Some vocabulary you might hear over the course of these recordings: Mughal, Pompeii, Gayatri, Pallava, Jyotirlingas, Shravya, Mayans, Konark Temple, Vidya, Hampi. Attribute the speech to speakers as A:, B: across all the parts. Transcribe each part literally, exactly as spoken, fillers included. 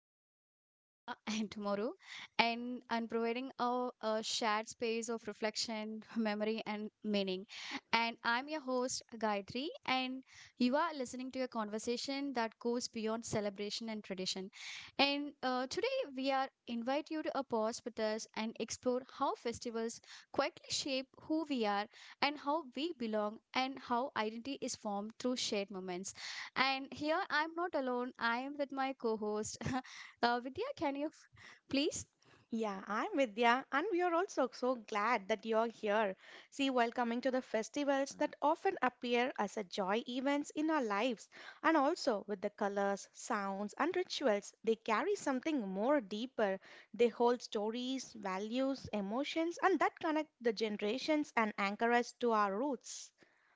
A: to Today India and Tomorrow. And I'm providing a, a shared space of reflection, memory, and meaning. And I'm your host, Gayatri, and you are listening to a conversation that goes beyond celebration and tradition. And uh, today we are invite you to a pause with us and explore how festivals quietly shape who we are and how we belong and how identity is formed through shared moments. And here I'm not alone. I am with my co host. uh, Vidya, can you f- please?
B: Yeah, I'm Vidya, and we are also so glad that you're here. See, while coming to the festivals that often appear as a joy events in our lives, and also with the colors, sounds, and rituals, they carry something more deeper. They hold stories, values, emotions, and that connect the generations and anchor us to our roots.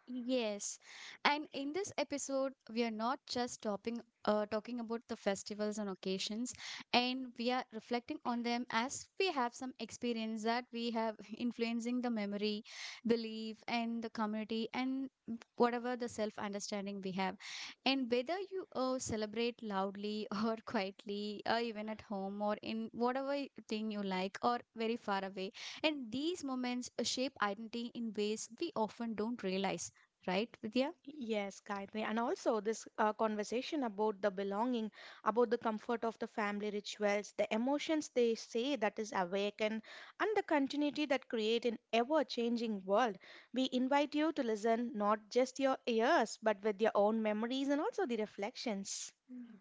A: Yes. And in this episode, we are not just talking, uh, talking about the festivals and occasions, and we are reflecting on them as we have some experience that we have influencing the memory, belief, and the community, and whatever the self understanding we have. And whether you uh, celebrate loudly or quietly, or even at home, or in whatever y- thing you like, or very far away, and these moments uh, shape identity in ways we often don't realize. Right, Vidya?
B: Yes, Gayatri. And also, this uh, conversation about the belonging, about the comfort of the family rituals, the emotions they say that is awakened, and the continuity that create an ever-changing world. We invite you to listen not just your ears, but with your own memories and also the reflections.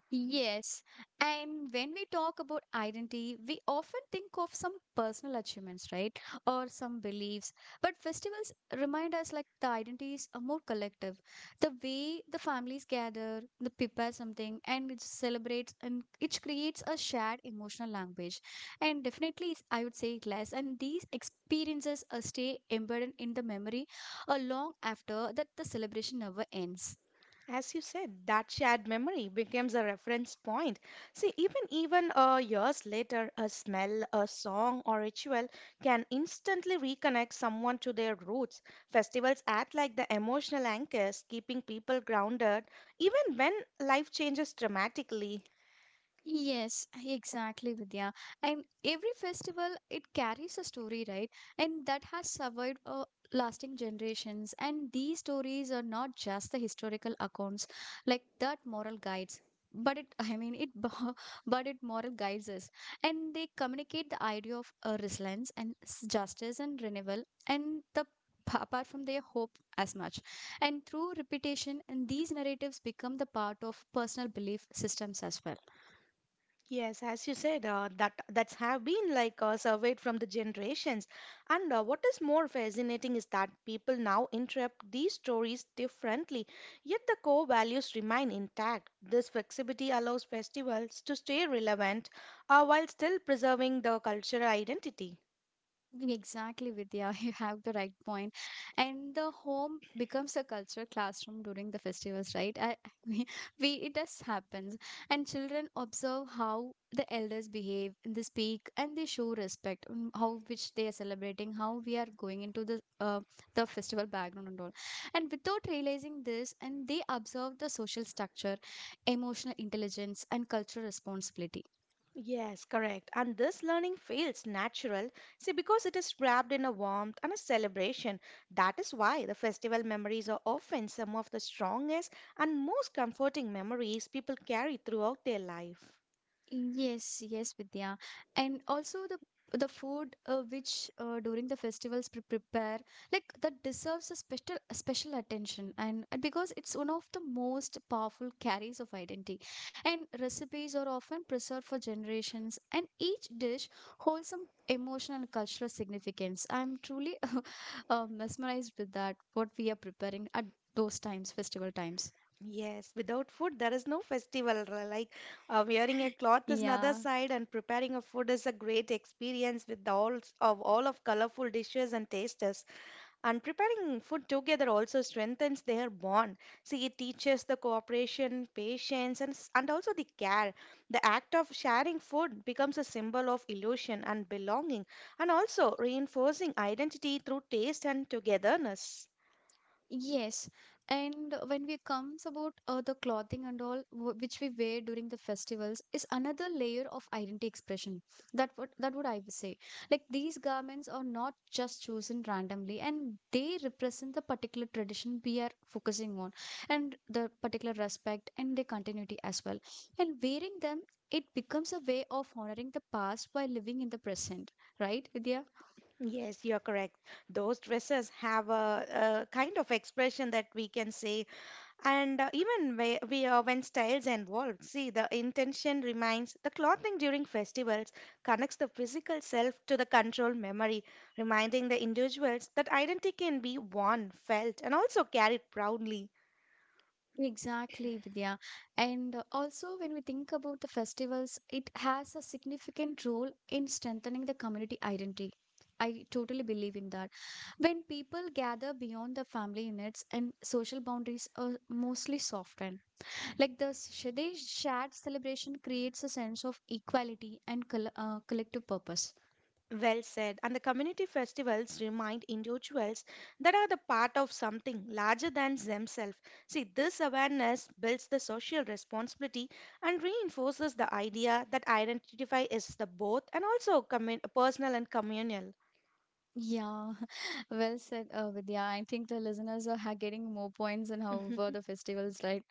A: Yes, and when we talk about identity, we often think of some personal achievements, right? Or some beliefs. But festivals remind us like the identities are more collective. The way the families gather, they prepare something, and it celebrates and it creates a shared emotional language. And definitely, it's- I would say it less. And these experiences uh, stay embedded in the memory uh, long after that the celebration never ends.
B: As you said, that shared memory becomes a reference point. See, even even uh, years later, a smell, a song, or ritual can instantly reconnect someone to their roots. Festivals act like the emotional anchors, keeping people grounded even when life changes dramatically.
A: Yes, exactly, Vidya. And every festival, it carries a story, right? And that has survived uh, lasting generations. And these stories are not just the historical accounts, like that moral guides. But it, I mean, it, bo- but it moral guides us, and they communicate the idea of uh, resilience and s- justice and renewal, and the p- apart from their hope as much. And through repetition, and these narratives become the part of personal belief systems as well.
B: Yes, as you said, uh, that that's have been like uh, surveyed from the generations. And uh, what is more fascinating is that people now interpret these stories differently, yet the core values remain intact. This flexibility allows festivals to stay relevant uh, while still preserving the cultural identity.
A: Exactly, Vidya. You have the right point. And the home becomes a cultural classroom during the festivals, right? I, we, we it does happens, and children observe how the elders behave, they speak, and they show respect. um, How which they are celebrating, how we are going into the uh, the festival background and all. And without realizing this, and they observe the social structure, emotional intelligence, and cultural responsibility.
B: Yes, correct. And this learning feels natural, see, because it is wrapped in a warmth and a celebration. That is why the festival memories are often some of the strongest and most comforting memories people carry throughout their life.
A: Yes, yes, Vidya. And also the the food uh, which uh, during the festivals pre prepare like that deserves a special special attention and, and because it's one of the most powerful carriers of identity. And recipes are often preserved for generations and each dish holds some emotional and cultural significance. I'm truly uh, mesmerized with that what we are preparing at those times, festival times.
B: Yes, without food, there is no festival. r- Like uh, wearing a cloth is another
A: Yeah.
B: side, and preparing a food is a great experience with the all of all of colorful dishes and tastes. And preparing food together also strengthens their bond. See, it teaches the cooperation, patience, and, s- and also the care. The act of sharing food becomes a symbol of illusion and belonging, and also reinforcing identity through taste and togetherness.
A: Yes, and when we comes about uh, the clothing and all wh- which we wear during the festivals is another layer of identity expression. That what that would I would say. Like these garments are not just chosen randomly, and they represent the particular tradition we are focusing on, and the particular respect and the continuity as well. And wearing them, it becomes a way of honoring the past while living in the present. Right, Vidya?
B: Yes, you're correct. Those dresses have a, a kind of expression that we can say. And uh, even whe- we, uh, when styles evolve, see the intention remains. The clothing during festivals connects the physical self to the control memory, reminding the individuals that identity can be worn, felt, and also carried proudly.
A: Exactly, Vidya. And uh, also, when we think about the festivals, it has a significant role in strengthening the community identity. I totally believe in that. When people gather beyond the family units and social boundaries are mostly softened, like the Shadesh shared celebration creates a sense of equality and col- uh, collective purpose.
B: Well said. And the community festivals remind individuals that are the part of something larger than themselves. See, this awareness builds the social responsibility and reinforces the idea that identity is the both and also commun- personal and communal.
A: Yeah, well said, uh, Vidya. I think the listeners are ha- getting more points on how
B: Mhm.
A: were the festivals, right?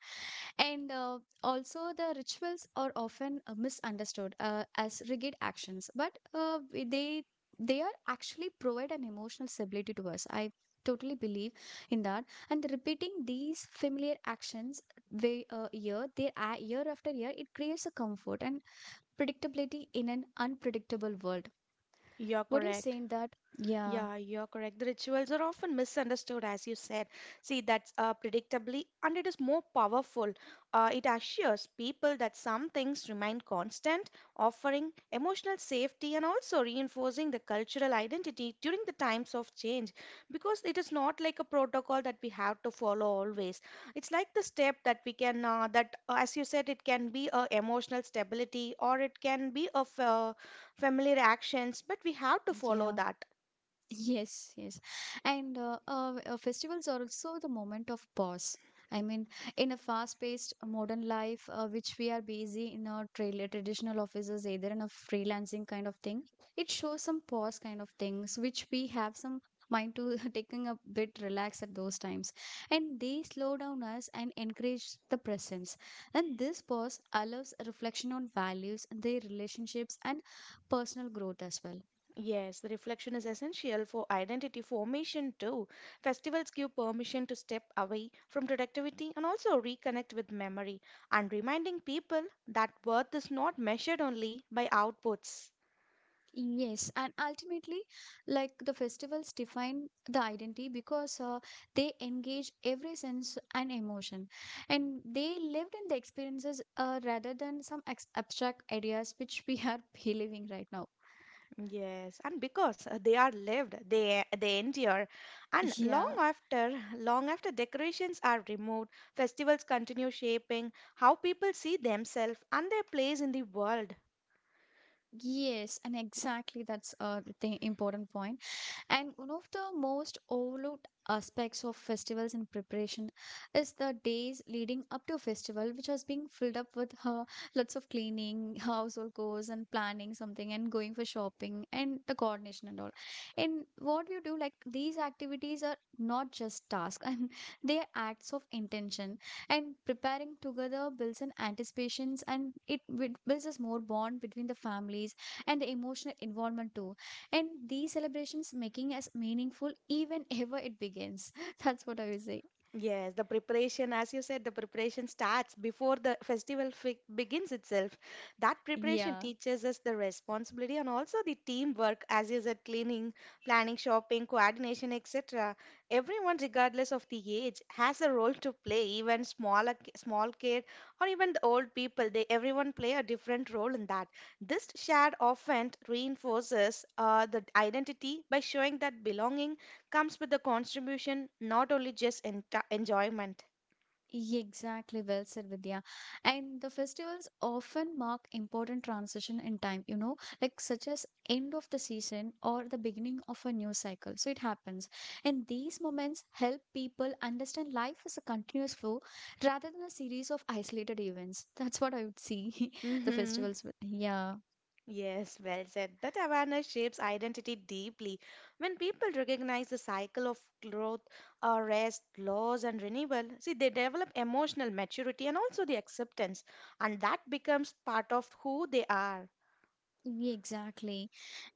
A: And uh, also, the rituals are often uh, misunderstood uh, as rigid actions, but uh, we- they they are actually provide an emotional stability to us. I totally believe in that. And repeating these familiar actions way uh, year, they, uh, year after year, it creates a comfort and predictability in an unpredictable world.
B: You're
A: What do you say
B: correct.
A: in that? Yeah.
B: Yeah, you're correct. The rituals are often misunderstood, as you said. See, that's uh, predictably, and it is more powerful. Uh, it assures people that some things remain constant, offering emotional safety and also reinforcing the cultural identity during the times of change. Because it is not like a protocol that we have to follow always. It's like the step that we can, uh, that uh, as you said, it can be a emotional stability or it can be of uh, familiar actions, but we have to follow
A: Yeah.
B: that.
A: Yes, yes. And uh, uh, uh, festivals are also the moment of pause. I mean, in a fast-paced modern life, uh, which we are busy in our trail traditional offices, either in a freelancing kind of thing, it shows some pause kind of things, which we have some mind to taking a bit relax at those times. And they slow down us and encourage the presence. And this pause allows a reflection on values, their relationships, and personal growth as well.
B: Yes, the reflection is essential for identity formation too. Festivals give permission to step away from productivity and also reconnect with memory and reminding people that worth is not measured only by outputs.
A: Yes, and ultimately, like the festivals define the identity because uh, they engage every sense and emotion, and they lived in the experiences uh, rather than some ex abstract ideas which we are believing right now.
B: Yes, and because uh, they are lived, they they endure, and long
A: Yeah,
B: after long after decorations are removed, festivals continue shaping how people see themselves and their place in the world.
A: yes, and exactly that's uh, the thing, important point. And one of the most overlooked aspects of festivals in preparation is the days leading up to a festival, which was being filled up with uh, lots of cleaning, household chores, and planning something, and going for shopping, and the coordination and all. And what you do, like these activities are not just tasks, and they are acts of intention. And preparing together builds in anticipations, and it wi- builds a more bond between the families and the emotional involvement too and these celebrations making us meaningful even ever it begins. That's what I would say.
B: Yes, the preparation, as you said, the preparation starts before the festival fi- begins itself. That preparation
A: Yeah,
B: teaches us the responsibility and also the teamwork, as you said, cleaning, planning, shopping, coordination, et cetera. Everyone, regardless of the age, has a role to play. Even smaller, ki- small kid or even the old people, they everyone play a different role in that. This shared often reinforces uh, the identity by showing that belonging comes with the contribution, not only just enti enjoyment.
A: exactly, well said, Vidya. And the festivals often mark important transition in time, you know, like such as end of the season or the beginning of a new cycle, so it happens. And these moments help people understand life as a continuous flow rather than a series of isolated events. That's what I would see the
B: Mm-hmm.
A: festivals with. Yeah.
B: Yes, well said. That awareness shapes identity deeply. When people recognize the cycle of growth, uh, rest, loss, and renewal, see, they develop emotional maturity and also the acceptance, and that becomes part of who they are.
A: Yeah, exactly.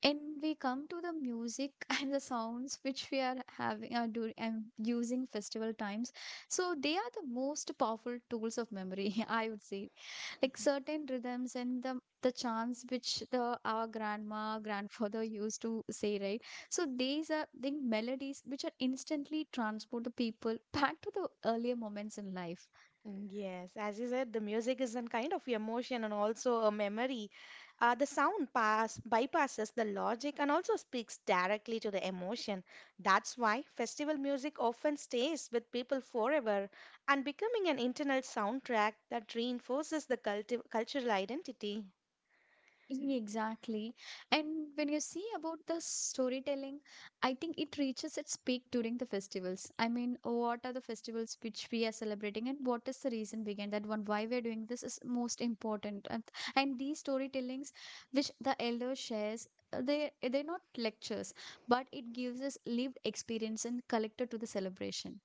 A: And we come to the music and the sounds which we are having are doing and using festival times. So they are the most powerful tools of memory, I would say. Like certain rhythms and the the chants which the our grandma, grandfather used to say, right? So these are the melodies which are instantly transport the people back to the earlier moments in life.
B: Mm, yes, as you said, the music is a kind of emotion and also a memory. Uh, the sound pass bypasses the logic and also speaks directly to the emotion. That's why festival music often stays with people forever and becoming an internal soundtrack that reinforces the culti cultural identity.
A: Exactly. And when you see about the storytelling, I think it reaches its peak during the festivals. I mean, what are the festivals which we are celebrating and what is the reason behind that one? Why we're doing this is most important. And, and these storytellings which the elder shares, uh, they they're not lectures, but it gives us lived experience and collected to the celebration.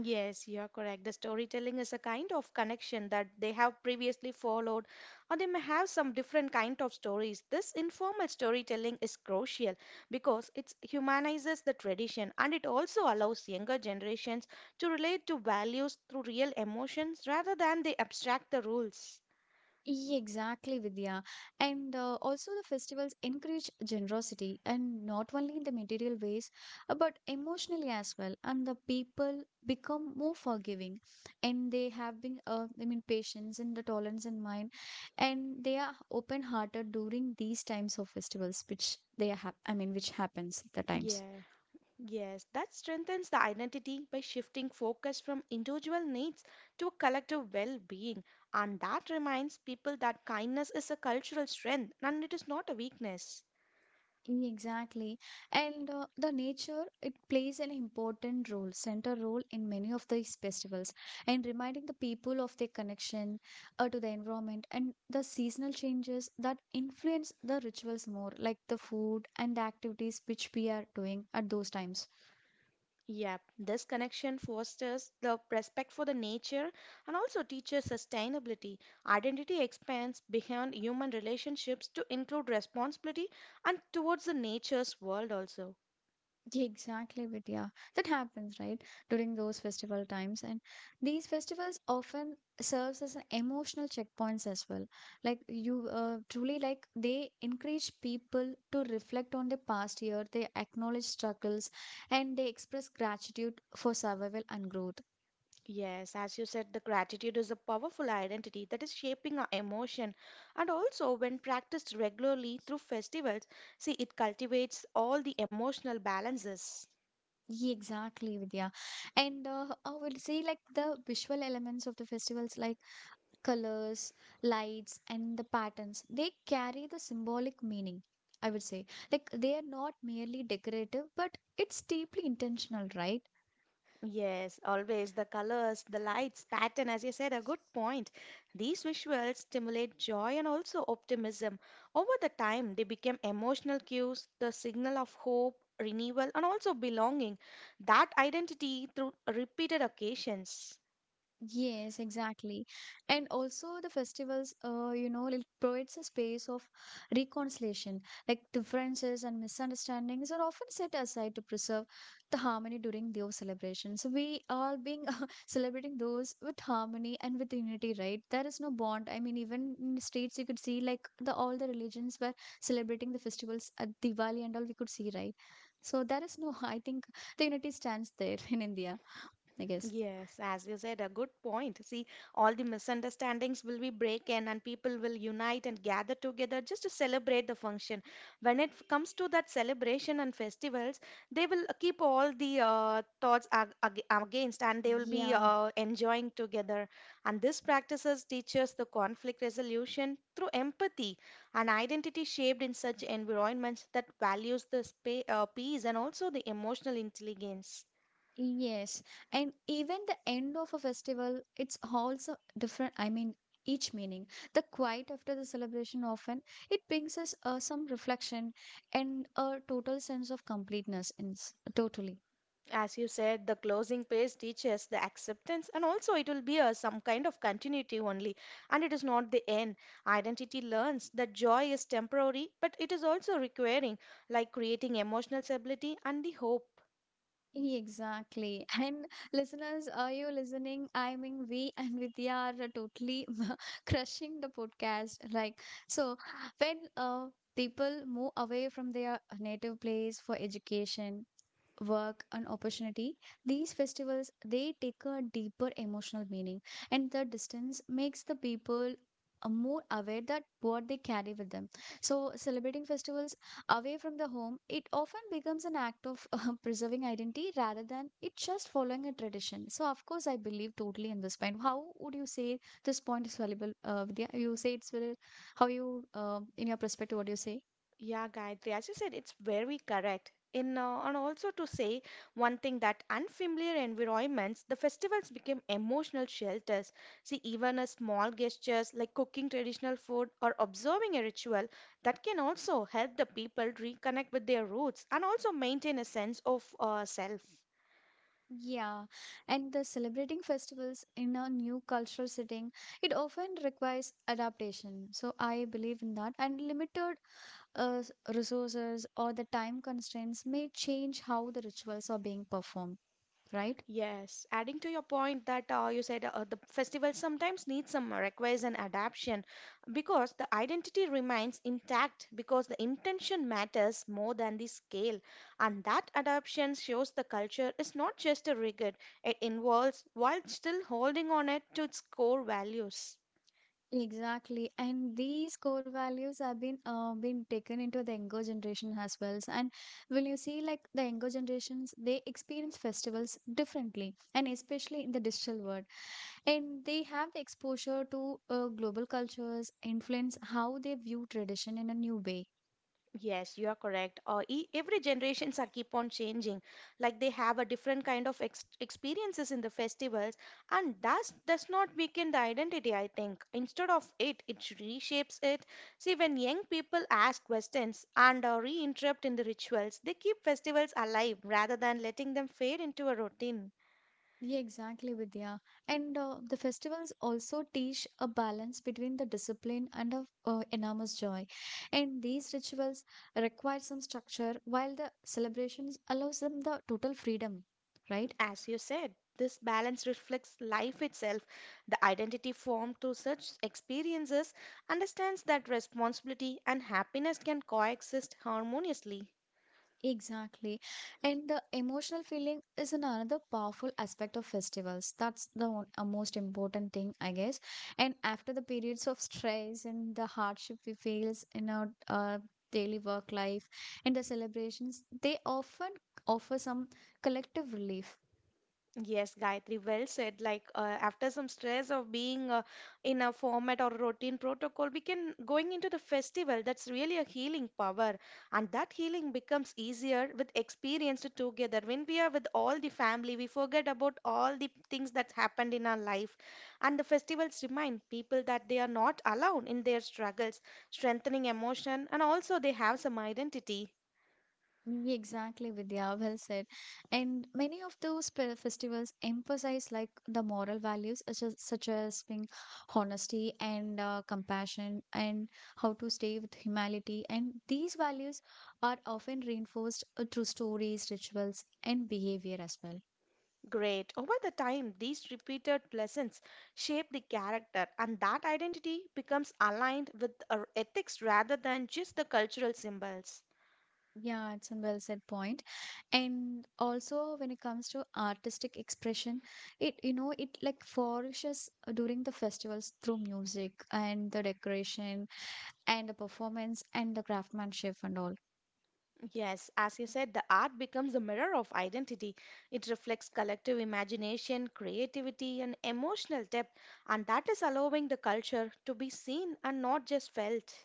B: Yes, you are correct. The storytelling is a kind of connection that they have previously followed, or they may have some different kind of stories. This informal storytelling is crucial because it humanizes the tradition and it also allows younger generations to relate to values through real emotions rather than they abstract the rules.
A: Yeah, exactly, Vidya. And uh, also, the festivals encourage generosity and not only in the material ways, uh, but emotionally as well. And the people become more forgiving and they have been, uh, I mean, patience and the tolerance in mind. And they are open hearted during these times of festivals, which they have, I mean, which happens at the times.
B: Yes. Yes, that strengthens the identity by shifting focus from individual needs to a collective well being. And that reminds people that kindness is a cultural strength and it is not a weakness.
A: Exactly. And uh, the nature, it plays an important role, center role in many of these festivals, and reminding the people of their connection uh, to the environment and the seasonal changes that influence the rituals more, like the food and the activities which we are doing at those times.
B: Yep, this connection fosters the respect for the nature and also teaches sustainability. Identity expands beyond human relationships to include responsibility and towards the nature's world also.
A: Yeah, exactly, Vidya. That happens, right? During those festival times. And these festivals often serves as an emotional checkpoints as well. Like you uh, truly like they encourage people to reflect on the past year, they acknowledge struggles and they express gratitude for survival and growth.
B: Yes, as you said, the gratitude is a powerful identity that is shaping our emotion. And also, when practiced regularly through festivals, see, it cultivates all the emotional balances.
A: Yeah, exactly, Vidya. And uh, I would say, like the visual elements of the festivals, like colors, lights, and the patterns, they carry the symbolic meaning, I would say. Like they are not merely decorative, but it's deeply intentional, right?
B: Yes, always the colors, the lights, pattern, as you said, a good point. These visuals stimulate joy and also optimism. Over the time, they become emotional cues, the signal of hope, renewal, and also belonging. That identity through repeated occasions.
A: Yes, exactly. And also the festivals, uh, you know, it provides a space of reconciliation. Like differences and misunderstandings are often set aside to preserve the harmony during those celebrations. So we are being celebrating those with harmony and with unity, right? There is no bond. I mean, even in the states, you could see like the all the religions were celebrating the festivals at Diwali and all. We could see, right? So there is no. I think the unity stands there in India. I guess.
B: Yes, as you said, a good point. See, all the misunderstandings will be breaken and people will unite and gather together just to celebrate the function. When it f- comes to that celebration and festivals, they will uh, keep all the uh, thoughts ag ag against and they will be
A: Yeah.
B: uh, enjoying together. And this practices teaches the conflict resolution through empathy and identity shaped in such environments that values the spa uh, peace and also the emotional intelligence.
A: Yes, and even the end of a festival, it's also different. I mean, each meaning. The quiet after the celebration often it brings us uh, some reflection and a total sense of completeness. In s- totally.
B: As you said, the closing page teaches the acceptance, and also it will be a some kind of continuity only, and it is not the end. Identity learns that joy is temporary, but it is also requiring, like creating emotional stability and the hope.
A: Exactly. And listeners, are you listening? I mean, we and Vidya are totally crushing the podcast. Like, so when uh, people move away from their native place for education, work and opportunity, these festivals they take a deeper emotional meaning, and the distance makes the people uh, more aware that what they carry with them. So celebrating festivals away from the home, it often becomes an act of uh, preserving identity rather than it just following a tradition. So, of course, I believe totally in this point. How would you say this point is valuable, uh, Vidya? You say it's very, how you, uh, in your perspective, what do you say?
B: Yeah, Gayatri, as you said, it's very correct. In uh, and also to say one thing that unfamiliar environments, the festivals became emotional shelters. See, even a small gestures like cooking traditional food or observing a ritual that can also help the people reconnect with their roots and also maintain a sense of uh, self.
A: Yeah, and the celebrating festivals in a new cultural setting, it often requires adaptation. So I believe in that. And limited uh, s- resources or the time constraints may change how the rituals are being performed, right?
B: Yes, adding to your point that uh, you said uh, the festival sometimes needs some requires an adaptation because the identity remains intact because the intention matters more than the scale, and that adaptation shows the culture is not just a rigid; it involves while still holding on it to its core values.
A: Exactly, and these core values have been uh, been taken into the younger generation as well. And when you see like the younger generations, they experience festivals differently, and especially in the digital world, and they have the exposure to uh, global cultures, influence how they view tradition in a new way.
B: Yes, you are correct. Uh, e Every generations are keep on changing. Like they have a different kind of ex experiences in the festivals, and that does not weaken the identity, I think. Instead of it, it reshapes it. See, when young people ask questions and uh, re-interrupt in the rituals, they keep festivals alive rather than letting them fade into a routine.
A: Yeah, exactly, Vidya. And uh, the festivals also teach a balance between the discipline and of uh, enormous joy. And these rituals require some structure, while the celebrations allows them the total freedom, right?
B: As you said, this balance reflects life itself. The identity formed through such experiences understands that responsibility and happiness can coexist harmoniously.
A: Exactly. And the emotional feeling is an- another powerful aspect of festivals. That's the one, uh, most important thing, I guess. And after the periods of stress and the hardship we face in our uh, daily work life and the celebrations, they often offer some collective relief.
B: Yes, Gayatri, well said. Like uh, after some stress of being uh, in a format or routine protocol, we can going into the festival. That's really a healing power, and that healing becomes easier with experience together. When we are with all the family, we forget about all the things that happened in our life, and the festivals remind people that they are not alone in their struggles, strengthening emotion, and also they have some identity.
A: Ye- Exactly, Vidya. Well said. And many of those pe- festivals emphasize like the moral values, such as, such as being honesty and uh, compassion, and how to stay with humility. And these values are often reinforced uh, through stories, rituals, and behavior as well.
B: Great. Over the time, these repeated lessons shape the character, and that identity becomes aligned with our ethics rather than just the cultural symbols.
A: Yeah, it's a well said point. And also, when it comes to artistic expression, it you know it like flourishes during the festivals through music and the decoration and the performance and the craftsmanship and all.
B: Yes, as you said, the art becomes a mirror of identity. It reflects collective imagination, creativity, and emotional depth, and that is allowing the culture to be seen and not just felt.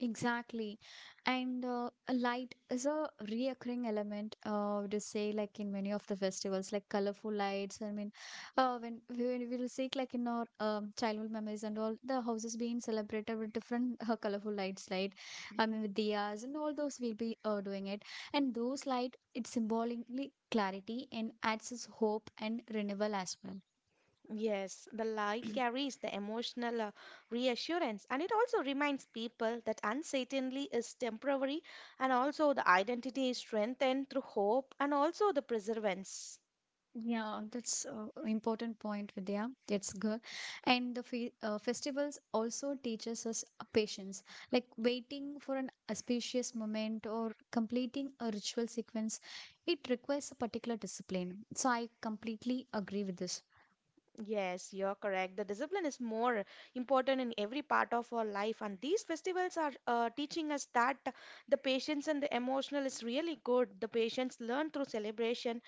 A: Exactly. And uh, a light is a reoccurring element uh to say like in many of the festivals, like colorful lights. I mean, uh when we when we will see like in our um, childhood memories and all, the houses being celebrated with different uh, colorful lights, right? I
B: Mm-hmm.
A: mean, with diyas and all those, we'll be uh, doing it. And those light it symbolically clarity and adds us hope and renewal as well.
B: Yes, the light carries the emotional uh, reassurance and it also reminds people that uncertainty is temporary and also the identity is strengthened through hope and also the perseverance.
A: Yeah, that's uh, important point, Vidya. That's good. And the fe uh, festivals also teaches us uh, patience, like waiting for an auspicious moment or completing a ritual sequence. It requires a particular discipline. So I completely agree with this.
B: Yes, you're correct. The discipline is more important in every part of our life, and these festivals are uh, teaching us that the patience and the emotional is really good. The patience learned through celebration,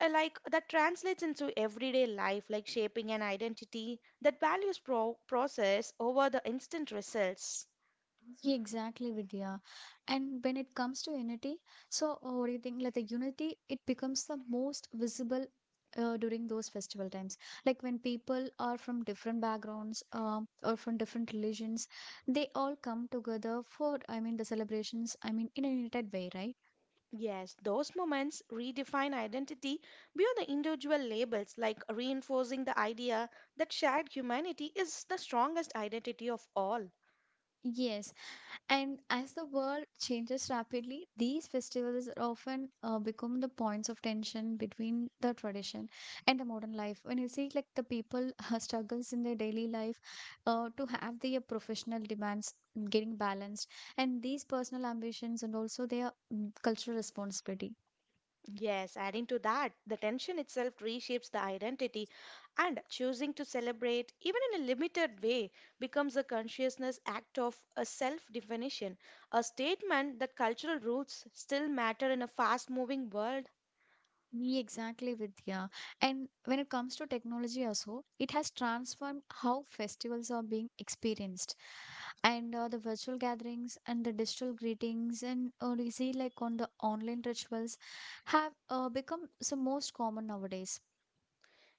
B: uh, like that translates into everyday life, like shaping an identity that values pro process over the instant results.
A: Yeah, exactly, Vidya. And when it comes to unity, so uh, what do you think? Like the unity, it becomes the most visible uh, during those festival times. Like when people are from different backgrounds um, or from different religions, they all come together for, I mean, the celebrations, I mean, in a united way, right?
B: Yes, those moments redefine identity beyond the individual labels, like reinforcing the idea that shared humanity is the strongest identity of all.
A: Yes. And as the world changes rapidly, these festivals are often uh, become the points of tension between the tradition and the modern life. When you see like the people struggles in their daily life uh, to have their professional demands getting balanced, and these personal ambitions and also their mm, cultural responsibility.
B: Yes, adding to that, the tension itself reshapes the identity, and choosing to celebrate, even in a limited way, becomes a consciousness act of a self definition, a statement that cultural roots still matter in a fast moving world.
A: Yeah, exactly, Vidya. And when it comes to technology also, it has transformed how festivals are being experienced, and uh, the virtual gatherings and the digital greetings, and uh, we see like on the online rituals have uh, become some most common nowadays.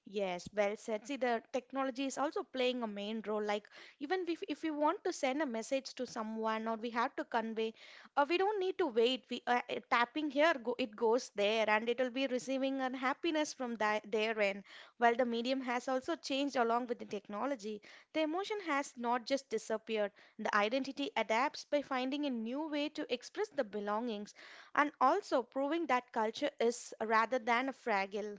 B: Yes, well said. See, the technology is also playing a main role. Like, even if, if we want to send a message to someone or we have to convey, uh, we don't need to wait. We uh, uh, tapping here, go, it goes there, and it'll be receiving an happiness from tha their end. While the medium has also changed along with the technology, the emotion has not just disappeared. The identity adapts by finding a new way to express the belongings, and also proving that culture is rather than a fragile.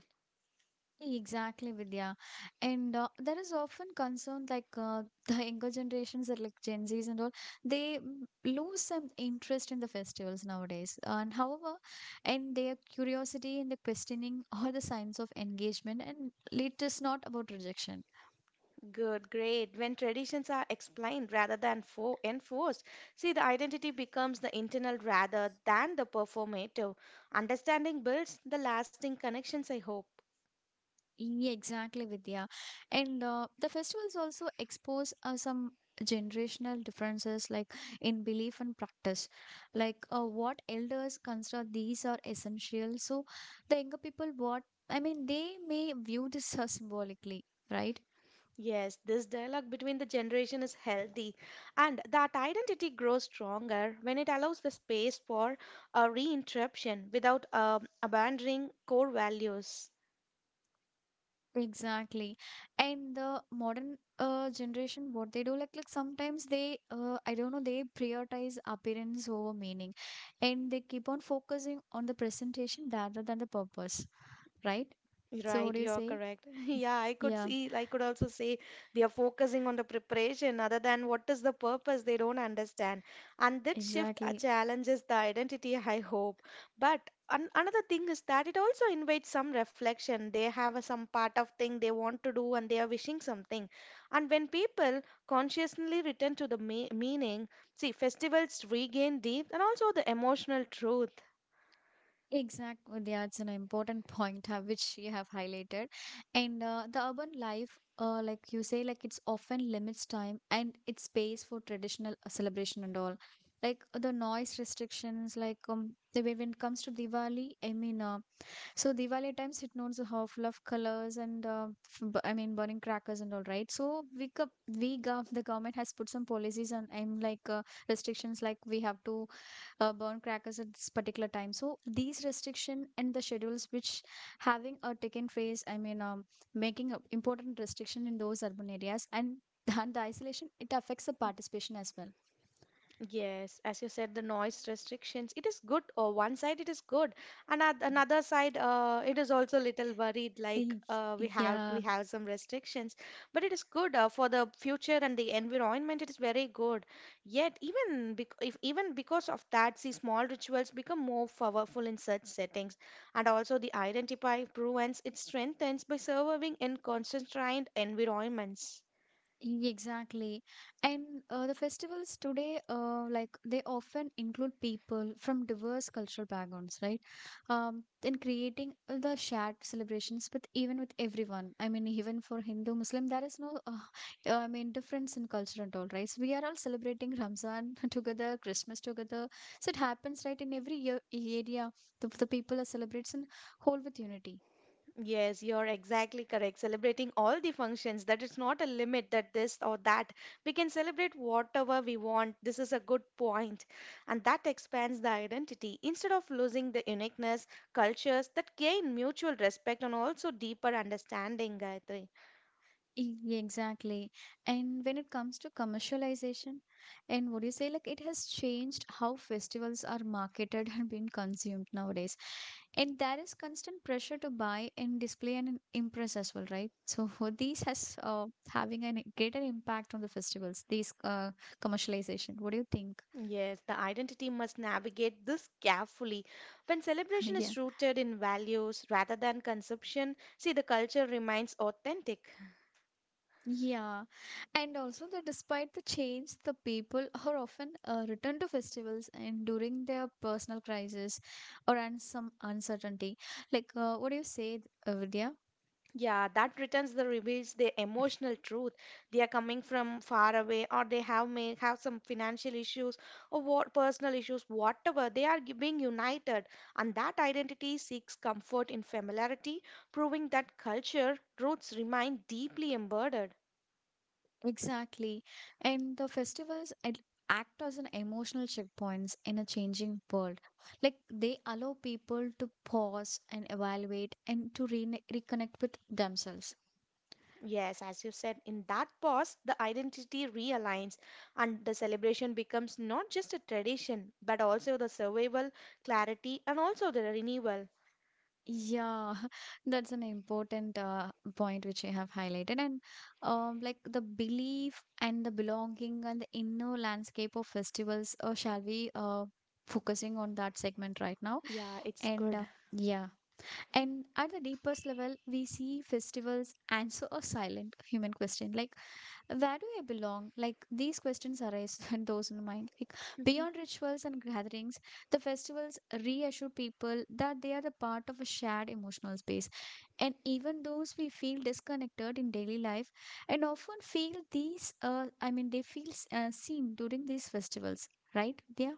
A: Exactly, Vidya. And uh, there is often concern like uh, the younger generations, that like gen Z's and all, they mm, lose some interest in the festivals nowadays. And however, and their curiosity and the questioning are the signs of engagement, and it is not about rejection.
B: Good, great. When traditions are explained rather than for enforced, see the identity becomes the internal rather than the performative. Understanding builds the lasting connections, I hope.
A: Yeah, exactly, Vidya. And uh, the festivals also expose uh, some generational differences, like in belief and practice. Like uh, what elders consider these are essential. So the younger people, what I mean, they may view this as symbolically, right?
B: Yes, this dialogue between the generation is healthy, and that identity grows stronger when it allows the space for a reinterruption without um, abandoning core values.
A: Exactly. And the modern uh, generation, what they do, like like sometimes they, uh, I don't know, they prioritize appearance over meaning, and they keep on focusing on the presentation rather than the purpose, right? So what
B: Right,
A: do you
B: you're
A: say?
B: correct. Yeah, I could
A: Yeah,
B: see, I could also say they are focusing on the preparation other than what is the purpose they don't understand. And that shift uh,
A: exactly.
B: challenges the identity, I hope. But an another thing is that it also invites some reflection. They have a, some part of thing they want to do and they are wishing something. And when people consciously return to the me meaning, see, festivals regain depth and also the emotional truth.
A: Exactly. Yeah, it's an important point uh, which you have highlighted. And uh, the urban life, uh, like you say, like it's often limits time and it's space for traditional uh, celebration and all. Like the noise restrictions, like um, the way when it comes to Diwali, I mean, uh, so Diwali times it knows how full of colors and uh, f- b- I mean burning crackers and all, right. So we co- we gov the government has put some policies, and I'm like uh, restrictions like we have to uh, burn crackers at this particular time. So these restriction and the schedules which having a taken phase I mean um, making a important restriction in those urban areas and and the isolation it affects the participation as well.
B: Yes, as you said, the noise restrictions. It is good. Or one side it is good, and at another side, uh, it is also little worried. Like
A: Y-
B: uh, we
A: Yeah.
B: have we have some restrictions, but it is good uh, for the future and the environment. It is very good. Yet even bec if even because of that, see, small rituals become more powerful in such settings, and also the identity proves it strengthens by surviving in constrained environments.
A: E, Exactly. And uh, the festivals today, uh, like they often include people from diverse cultural backgrounds, right? Um, in creating the shared celebrations with even with everyone. I mean, even for Hindu, Muslim, there is no, uh, uh, I mean, difference in culture and all, right? So we are all celebrating Ramzan together, Christmas together. So it happens, right, in every year, area. The, the people are celebrates in whole with unity.
B: Yes, you're exactly correct. Celebrating all the functions, that it's not a limit that this or that. We can celebrate whatever we want. This is a good point. And that expands the identity. Instead of losing the uniqueness, cultures that gain mutual respect and also deeper understanding, Gayatri.
A: E- Exactly. And when it comes to commercialization, and would you say like it has changed how festivals are marketed and being consumed nowadays? And there is constant pressure to buy and display and impress as well, right? So for these has uh, having a greater impact on the festivals, these uh, commercialization. What do you think?
B: Yes, the identity must navigate this carefully. When celebration
A: Yeah.
B: is rooted in values rather than consumption, see the culture remains authentic.
A: Yeah, and also that despite the change, the people are often uh, returned to festivals and during their personal crisis or and some uncertainty. Like uh, what do you say, uh, Vidya?
B: Yeah, that returns the reveals their emotional truth. They are coming from far away, or they have may have some financial issues or what personal issues, whatever. They are gi- being united, and that identity seeks comfort in familiarity, proving that culture roots remain deeply embedded.
A: Exactly, and the festivals ad- act as an emotional checkpoints in a changing world. Like they allow people to pause and evaluate and to re- reconnect with themselves.
B: Yes, as you said, in that pause, the identity realigns, and the celebration becomes not just a tradition, but also the survival, clarity, and also the renewal.
A: Yeah, that's an important uh, point which you have highlighted. And um, like the belief and the belonging and the inner landscape of festivals, uh, shall we uh, focusing on that segment right now?
B: Yeah, it's
A: And
B: good.
A: uh, yeah. And at the deepest level, we see festivals answer a silent human question like, where do I belong? Like, these questions arise in those in mind. Like, beyond rituals and gatherings, the festivals reassure people that they are the part of a shared emotional space. And even those we feel disconnected in daily life, and often feel these, uh, I mean, they feel s- uh, seen during these festivals, right? Yeah,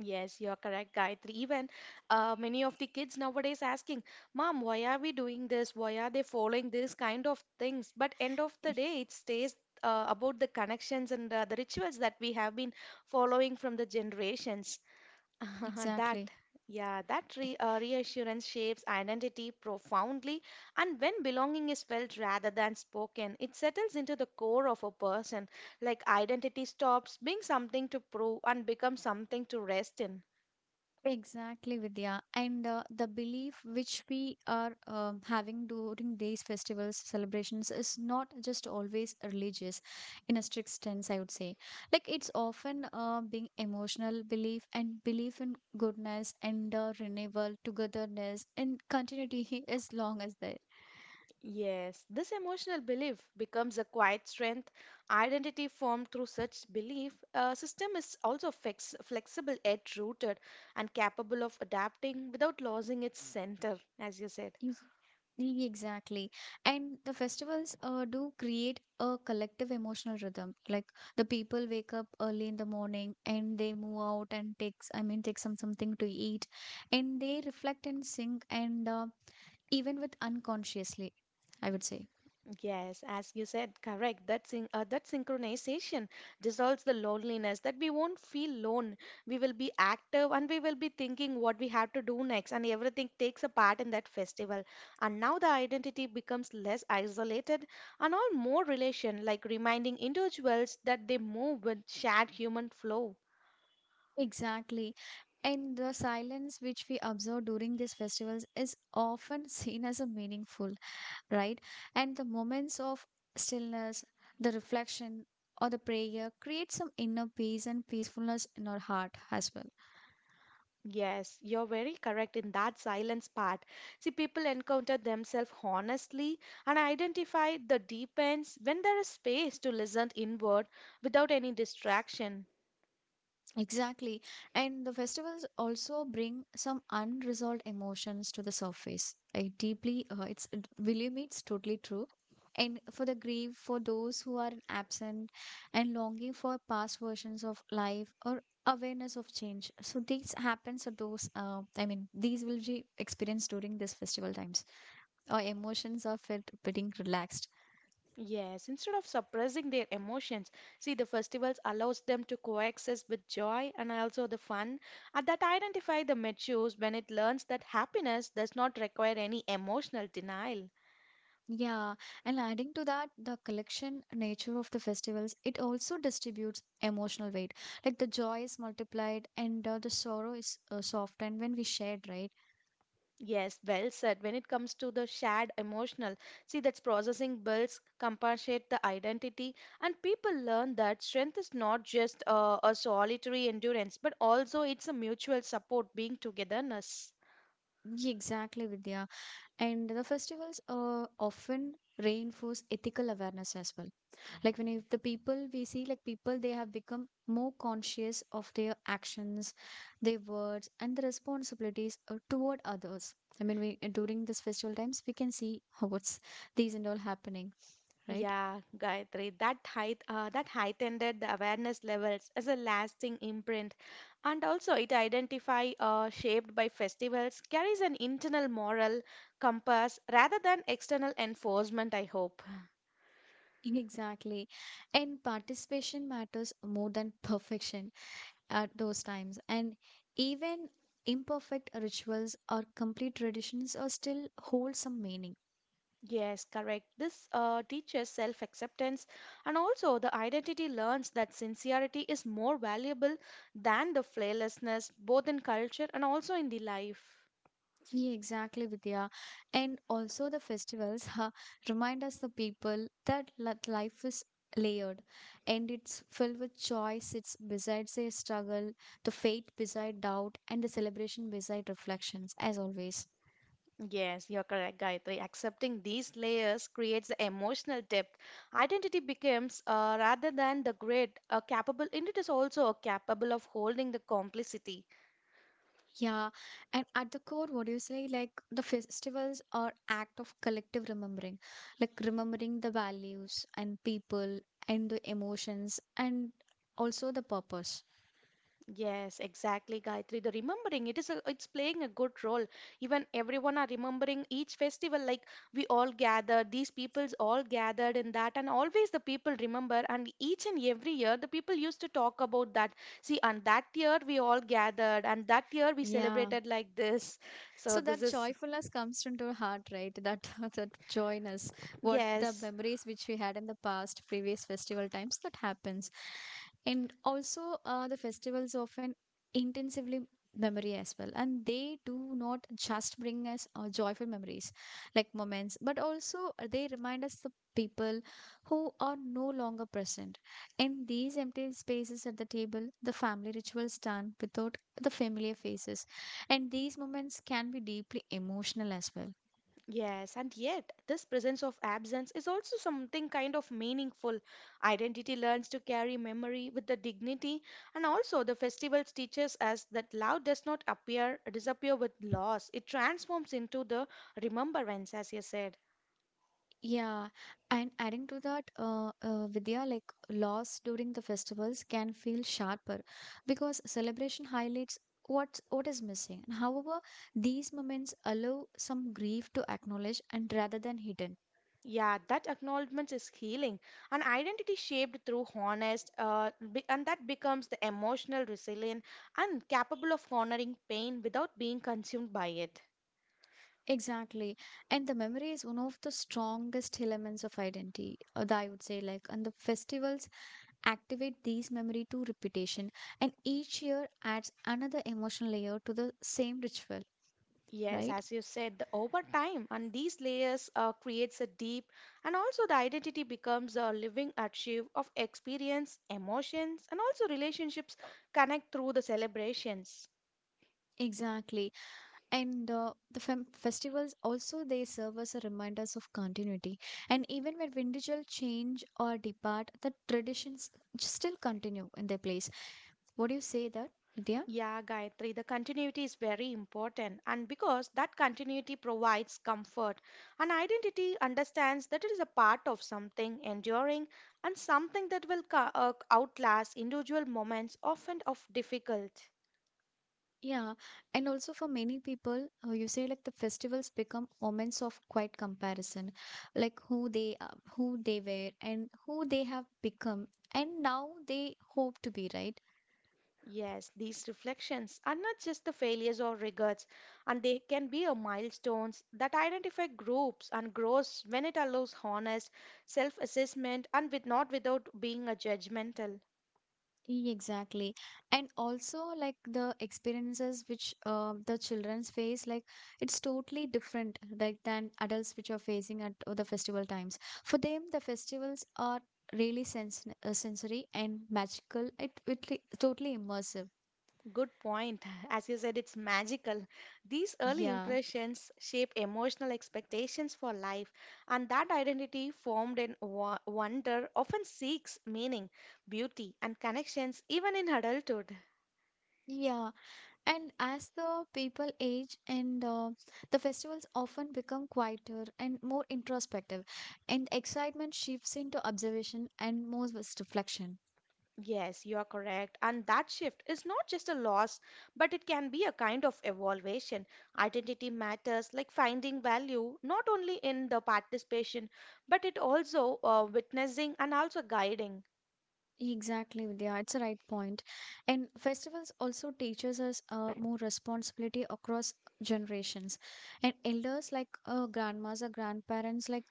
B: Yes, you're correct, Gayatri. Even uh, many of the kids nowadays asking, "Mom, why are we doing this? Why are they following this kind of things?" But end of the
A: e-,
B: day, it stays uh, about the connections and uh, the rituals that we have been following from the generations. That,
A: exactly.
B: yeah, that re uh, reassurance shapes identity profoundly, and when belonging is felt rather than spoken, it settles into the core of a person. Like identity stops being something to prove and becomes something to rest in.
A: Exactly, Vidya. And uh, the belief which we are um, having during these festivals, celebrations is not just always religious in a strict sense, I would say. Like it's often uh, being emotional belief and belief in goodness and uh, renewal, togetherness, and continuity as long as there.
B: Yes, this emotional belief becomes a quiet strength. Identity formed through such belief uh, system is also flex flexible, yet rooted, and capable of adapting without losing its center, as you said.
A: Yes, E- exactly. And the festivals uh, do create a collective emotional rhythm. Like the people wake up early in the morning and they move out and takes, I mean, take some something to eat, and they reflect and sing and uh, even with unconsciously, I would say.
B: Yes, as you said, correct. That syn uh, that synchronization dissolves the loneliness that we won't feel lone. We will be active and we will be thinking what we have to do next, and everything takes a part in that festival. And now the identity becomes less isolated and all more relation, like reminding individuals that they move with shared human flow.
A: Exactly. And the silence which we observe during these festivals is often seen as a meaningful, right? And the moments of stillness, the reflection, or the prayer create some inner peace and peacefulness in our heart as well.
B: Yes, you're very correct in that silence part. See, people encounter themselves honestly and identify the deep ends when there is space to listen inward without any distraction.
A: Exactly. And the festivals also bring some unresolved emotions to the surface. I deeply, uh, it's, it- believe me, it's totally true. And for the grief, for those who are absent and longing for past versions of life or awareness of change. So these happens to those, uh, I mean, these will be experienced during this festival times. Our emotions are felt being relaxed.
B: Yes, instead of suppressing their emotions, see, the festivals allows them to coexist with joy and also the fun, and that identify the matures when it learns that happiness does not require any emotional denial.
A: Yeah, and adding to that, the collection nature of the festivals, it also distributes emotional weight. Like the joy is multiplied and uh, the sorrow is uh, softened when we shared, right?
B: Yes, well said. When it comes to the shared emotional, see that's processing builds, compensate the identity, and people learn that strength is not just uh, a solitary endurance, but also it's a mutual support, being togetherness.
A: Yeah, exactly, Vidya. And the festivals uh, often reinforce ethical awareness as well. Like when if the people we see like people, they have become more conscious of their actions, their words and the responsibilities uh, toward others. I mean, we uh, during this festival times we can see what's these and all happening, right.
B: Yeah, Gayatri, that height, uh, that heightened the awareness levels as a lasting imprint, and also it identify uh, shaped by festivals carries an internal moral compass rather than external enforcement. I hope.
A: Exactly, and participation matters more than perfection at those times, and even imperfect rituals or complete traditions are still hold some meaning.
B: Yes, correct. This uh, teaches self acceptance, and also the identity learns that sincerity is more valuable than the flawlessness, both in culture and also in the life.
A: Yeah, exactly, Vidya. And also the festivals ha, remind us the people that li- life is layered and it's filled with choice. It's besides a struggle, the faith beside doubt, and the celebration beside reflections, as always.
B: Yes, you're correct, Gayatri. Accepting these layers creates emotional depth. Identity becomes, uh, rather than the grid, a capable, and it is also a capable of holding the complicity.
A: Yeah, and at the core, what do you say? Like the festivals are act of collective remembering, like remembering the values and people and the emotions and also the purpose.
B: Yes, exactly, Gayatri. The remembering, it is a, it's playing a good role. Even everyone are remembering each festival, like we all gathered, these peoples all gathered in that, and always the people remember. And each and every year, the people used to talk about that. See, and that year we all gathered, and that year we
A: Yeah.
B: celebrated like this. So
A: So
B: this
A: that
B: is
A: joyfulness comes into our heart, right? That that joyness, what the
B: yes.
A: memories which we had in the past previous festival times that happens. And also uh, the festivals often intensively memory as well, and they do not just bring us uh, joyful memories like moments, but also they remind us the people who are no longer present in these empty spaces at the table. The family rituals stand without the familiar faces, and these moments can be deeply emotional as well.
B: Yes, and yet this presence of absence is also something kind of meaningful. Identity learns to carry memory with the dignity, and also the festivals teaches us that love does not appear disappear with loss. It transforms into the remembrance, as you said.
A: Yeah, and adding to that, uh, uh, Vidya, like loss during the festivals can feel sharper because celebration highlights what what is missing. And however, these moments allow some grief to acknowledge and rather than hidden.
B: Yeah, that acknowledgement is healing. An identity shaped through honest, uh, be- and that becomes the emotional resilient and capable of honoring pain without being consumed by it.
A: Exactly, and the memory is one of the strongest elements of identity, uh, that I would say, like. And the festivals activate these memory to repetition, and each year adds another emotional layer to the same ritual,
B: Yes,
A: right?
B: as you said, the- over time, and these layers uh, creates a deep, and also the identity becomes a living archive of experience, emotions, and also relationships connect through the celebrations.
A: Exactly. And uh, the fem- festivals also they serve as a reminders of continuity, and even when individuals change or depart, the traditions still continue in their place. What do you say that, Vidya?
B: Yeah, Gayatri, the continuity is very important, and because that continuity provides comfort, and identity understands that it is a part of something enduring and something that will co- uh, outlast individual moments, often of difficult.
A: Yeah, and also for many people, uh, you say like the festivals become moments of quiet comparison, like who they are, who they were, and who they have become, and now they hope to be, right?
B: Yes, these reflections are not just the failures or regrets, and they can be a milestones that identify groups and grows when it allows honest self-assessment and with not without being a judgmental.
A: E- Exactly. And also, like the experiences which uh, the children's face, like it's totally different like than adults which are facing at uh, the festival times. For them, the festivals are really sens uh, sensory and magical. It it li- totally immersive.
B: Good point. As you said, it's magical. These early
A: Yeah.
B: impressions shape emotional expectations for life, and that identity formed in wo- wonder often seeks meaning, beauty, and connections even in adulthood.
A: Yeah, and as the people age, and uh, the festivals often become quieter and more introspective, and excitement shifts into observation and more was reflection.
B: Yes, you are correct. And that shift is not just a loss, but it can be a kind of evaluation. Identity matters, like finding value, not only in the participation, but it also uh, witnessing and also guiding.
A: Exactly, Vidya. It's a right point. And festivals also teaches us uh, more responsibility across generations. And elders like uh, grandmas or grandparents, like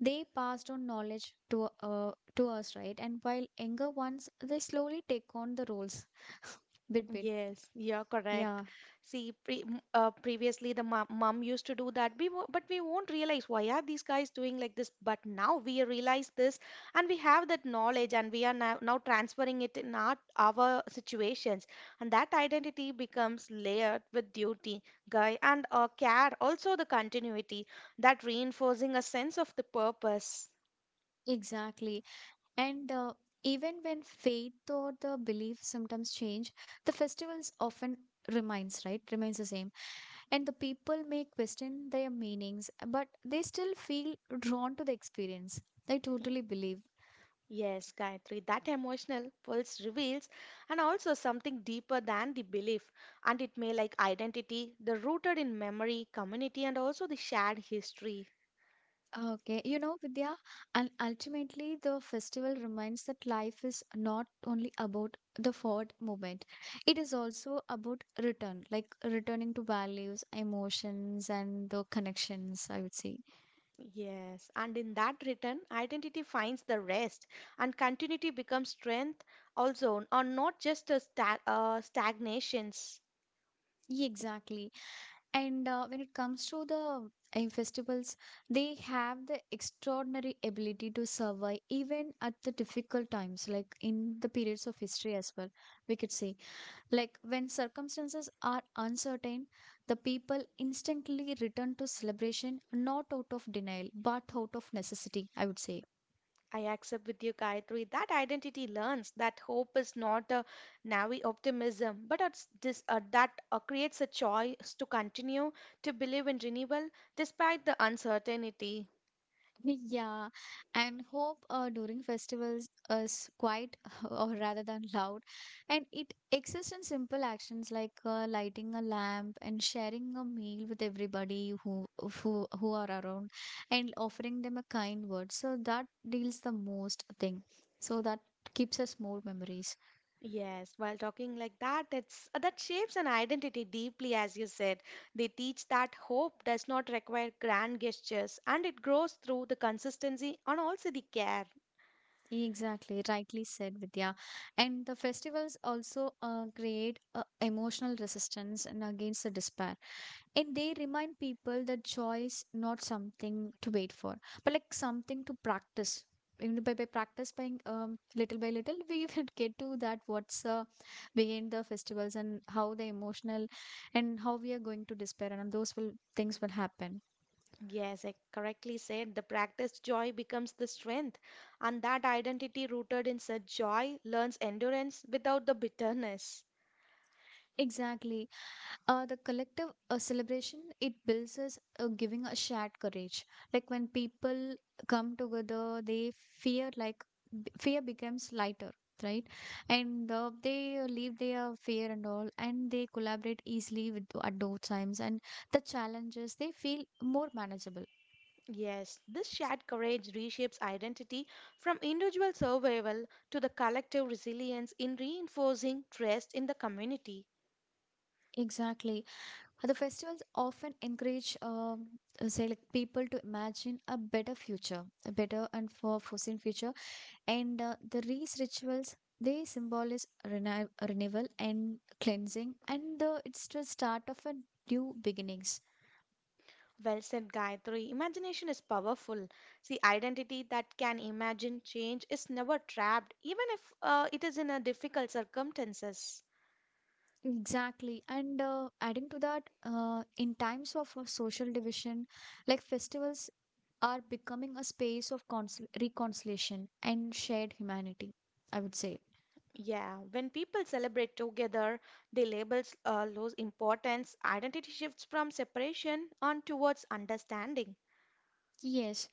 A: they passed on knowledge to uh, to us, right? And while younger ones, they slowly take on the roles bit bit.
B: Yes, you're correct.
A: Yeah,
B: See, pre m- uh, previously the mom, mom used to do that, we wo- but we won't realize why are these guys doing like this. But now we realize this, and we have that knowledge, and we are now, now transferring it in our our situations, and that identity becomes layered with duty, guy, and uh, care. Also, the continuity that reinforcing a sense of the purpose.
A: exactly. And uh, even when faith or the belief sometimes change, the festivals often remains, right? Remains the same. And the people may question their meanings, but they still feel drawn to the experience. I totally believe.
B: Yes, Gayatri, that emotional pulse reveals and also something deeper than the belief and it may like identity, the rooted in memory, community and also the shared history.
A: Okay, you know, Vidya, and ultimately the festival reminds that life is not only about the forward movement, it is also about return, like returning to values, emotions, and the connections, I would say.
B: Yes, and in that return, identity finds the rest and continuity becomes strength also, or not just a sta- uh, stagnations.
A: Yeah, exactly. And uh, when it comes to the uh, festivals, they have the extraordinary ability to survive even at the difficult times, like in the periods of history as well. We could say, like when circumstances are uncertain, the people instinctively return to celebration, not out of denial, but out of necessity, I would say.
B: I accept with you, Gayatri, that identity learns that hope is not a naive optimism, but it's this, uh, that uh, creates a choice to continue to believe in renewal despite the uncertainty.
A: Yeah, and hope uh, during festivals is quite or rather than loud, and it exists in simple actions like uh, lighting a lamp and sharing a meal with everybody who who who are around, and offering them a kind word. So that deals the most thing. So that keeps us more memories.
B: Yes, while talking like that, it's uh, that shapes an identity deeply, as you said. They teach that hope does not require grand gestures, and it grows through the consistency and also the care.
A: Exactly, rightly said, Vidya. And the festivals also uh, create uh, emotional resistance and against the despair, and they remind people that joy is not something to wait for, but like something to practice. You know, by, by practice by um, little by little we will get to that what's uh, behind the festivals and how the emotional and how we are going to despair and those will things will happen.
B: Yes, I correctly said the practiced joy becomes the strength, and that identity rooted in such joy learns endurance without the bitterness.
A: Exactly. Uh, the collective uh, celebration, it builds us uh, giving a shared courage. Like when people come together, they fear like b- fear becomes lighter, right? And uh, they leave their fear and all, and they collaborate easily with at those times, and the challenges they feel more manageable.
B: Yes, this shared courage reshapes identity from individual survival to the collective resilience in reinforcing trust in the community.
A: Exactly. The festivals often encourage, um, uh, say, like people to imagine a better future, a better and for foreseen future. And uh, the these rituals they symbolize renew- renewal and cleansing, and uh, it's the start of a new beginnings.
B: Well said, Gayatri. Imagination is powerful. See, identity that can imagine change is never trapped, even if uh, it is in a difficult circumstances.
A: Exactly, and uh, adding to that, uh, in times of uh, social division, like festivals are becoming a space of consol- reconciliation and shared humanity, I would say.
B: Yeah, when people celebrate together, the labels uh, lose importance, identity shifts from separation on towards understanding.
A: Yes.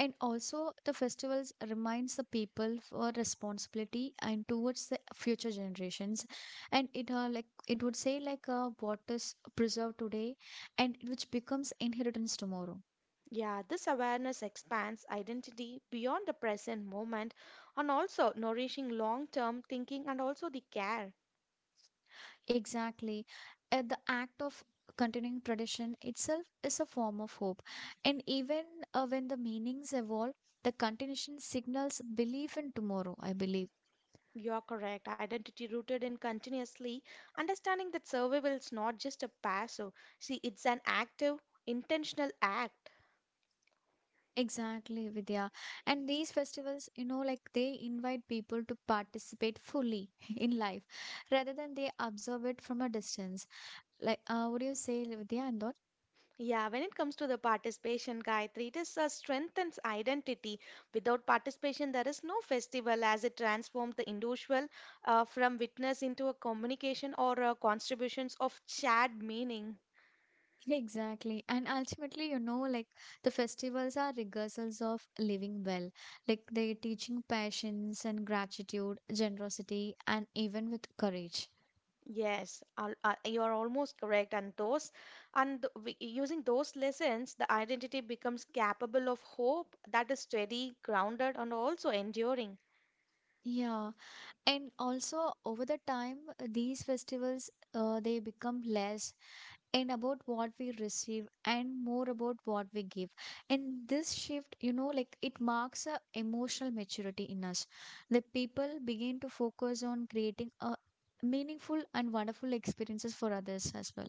A: And also, the festivals reminds the people for responsibility and towards the future generations. And it uh, like it would say like uh, what is preserved today, and which becomes inheritance tomorrow.
B: Yeah, this awareness expands identity beyond the present moment and also nourishing long term thinking and also the care.
A: Exactly, uh, the act of continuing tradition itself is a form of hope. And even uh, when the meanings evolve, the continuation signals belief in tomorrow. I believe.
B: You're correct. Identity rooted in continuously understanding that survival is not just a passive, see, it's an active, intentional act.
A: Exactly, Vidya. And these festivals, you know, like they invite people to participate fully in life rather than they observe it from a distance. Like, uh, what do you say, Vidya and all?
B: Yeah, when it comes to the participation, Gayatri, it is a strength and identity. Without participation, there is no festival as it transforms the individual uh, from witness into a communication or uh, contributions of shared meaning.
A: Exactly. And ultimately, you know, like the festivals are rehearsals of living well. Like they're teaching patience and gratitude, generosity, and even with courage.
B: Yes, al- uh, you are almost correct. And those, and th- wi- using those lessons, the identity becomes capable of hope that is steady, grounded, and also enduring.
A: Yeah. And also over the time, uh, these festivals, uh, they become less and about what we receive and more about what we give. And this shift, you know, like it marks a emotional maturity in us. The people begin to focus on creating a meaningful and wonderful experiences for others as well.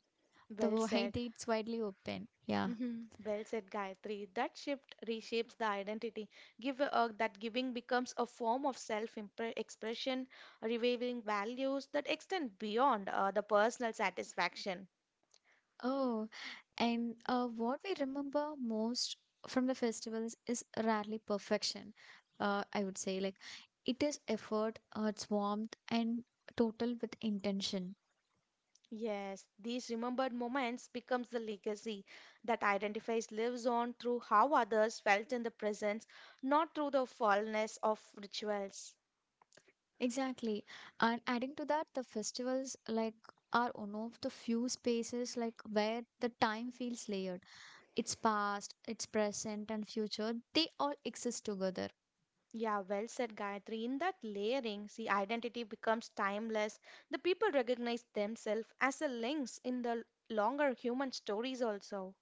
A: The
B: Well
A: wide
B: said.
A: it's widely open, yeah.
B: Mhm. Well said, Gayatri. That shift reshapes the identity. Give uh, That giving becomes a form of self-expression, revealing values that extend beyond uh, the personal satisfaction.
A: Oh, and uh, what we remember most from the festivals is rarely perfection, uh, I would say, like it is effort, uh, it's warmth and total with intention.
B: Yes, these remembered moments becomes the legacy that identifies lives on through how others felt in the presence, not through the fallness of rituals.
A: Exactly. And adding to that, the festivals like are one of the few spaces like where the time feels layered. It's past, it's present and future. They all exist together.
B: Yeah, well said, Gayatri. In that layering, see, identity becomes timeless. The people recognize themselves as the links in the longer human stories, also.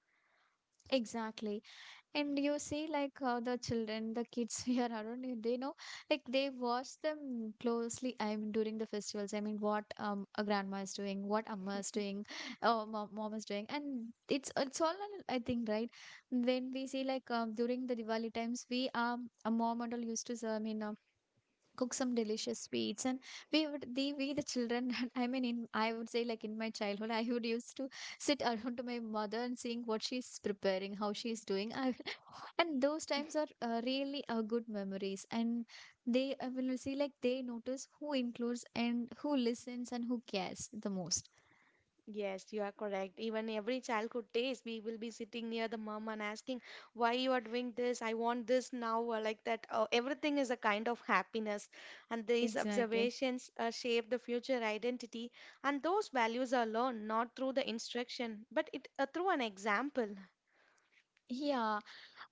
A: Exactly. And you see, like how the children, the kids here around you, they know, like they watch them closely. I mean, during the festivals, I mean, what um a grandma is doing, what amma is doing, oh, mom, mom is doing, and it's it's all on, I think, right? When we see like um, during the Diwali times, we um a mom and all used to, I mean, um, cook some delicious sweets, and we would the we the children. I mean, in I would say like in my childhood, I would used to sit around to my mother and seeing what she's preparing, how she's doing. I and those times are uh, really uh, good memories, and they I will see like they notice who includes and who listens and who cares the most.
B: Yes, you are correct. Even every childhood days, we will be sitting near the mom and asking, "Why you are doing this? I want this now," or like that. Uh, everything is a kind of happiness, and these
A: Exactly.
B: observations uh, shape the future identity. And those values are learned not through the instruction, but it uh, through an example.
A: Yeah,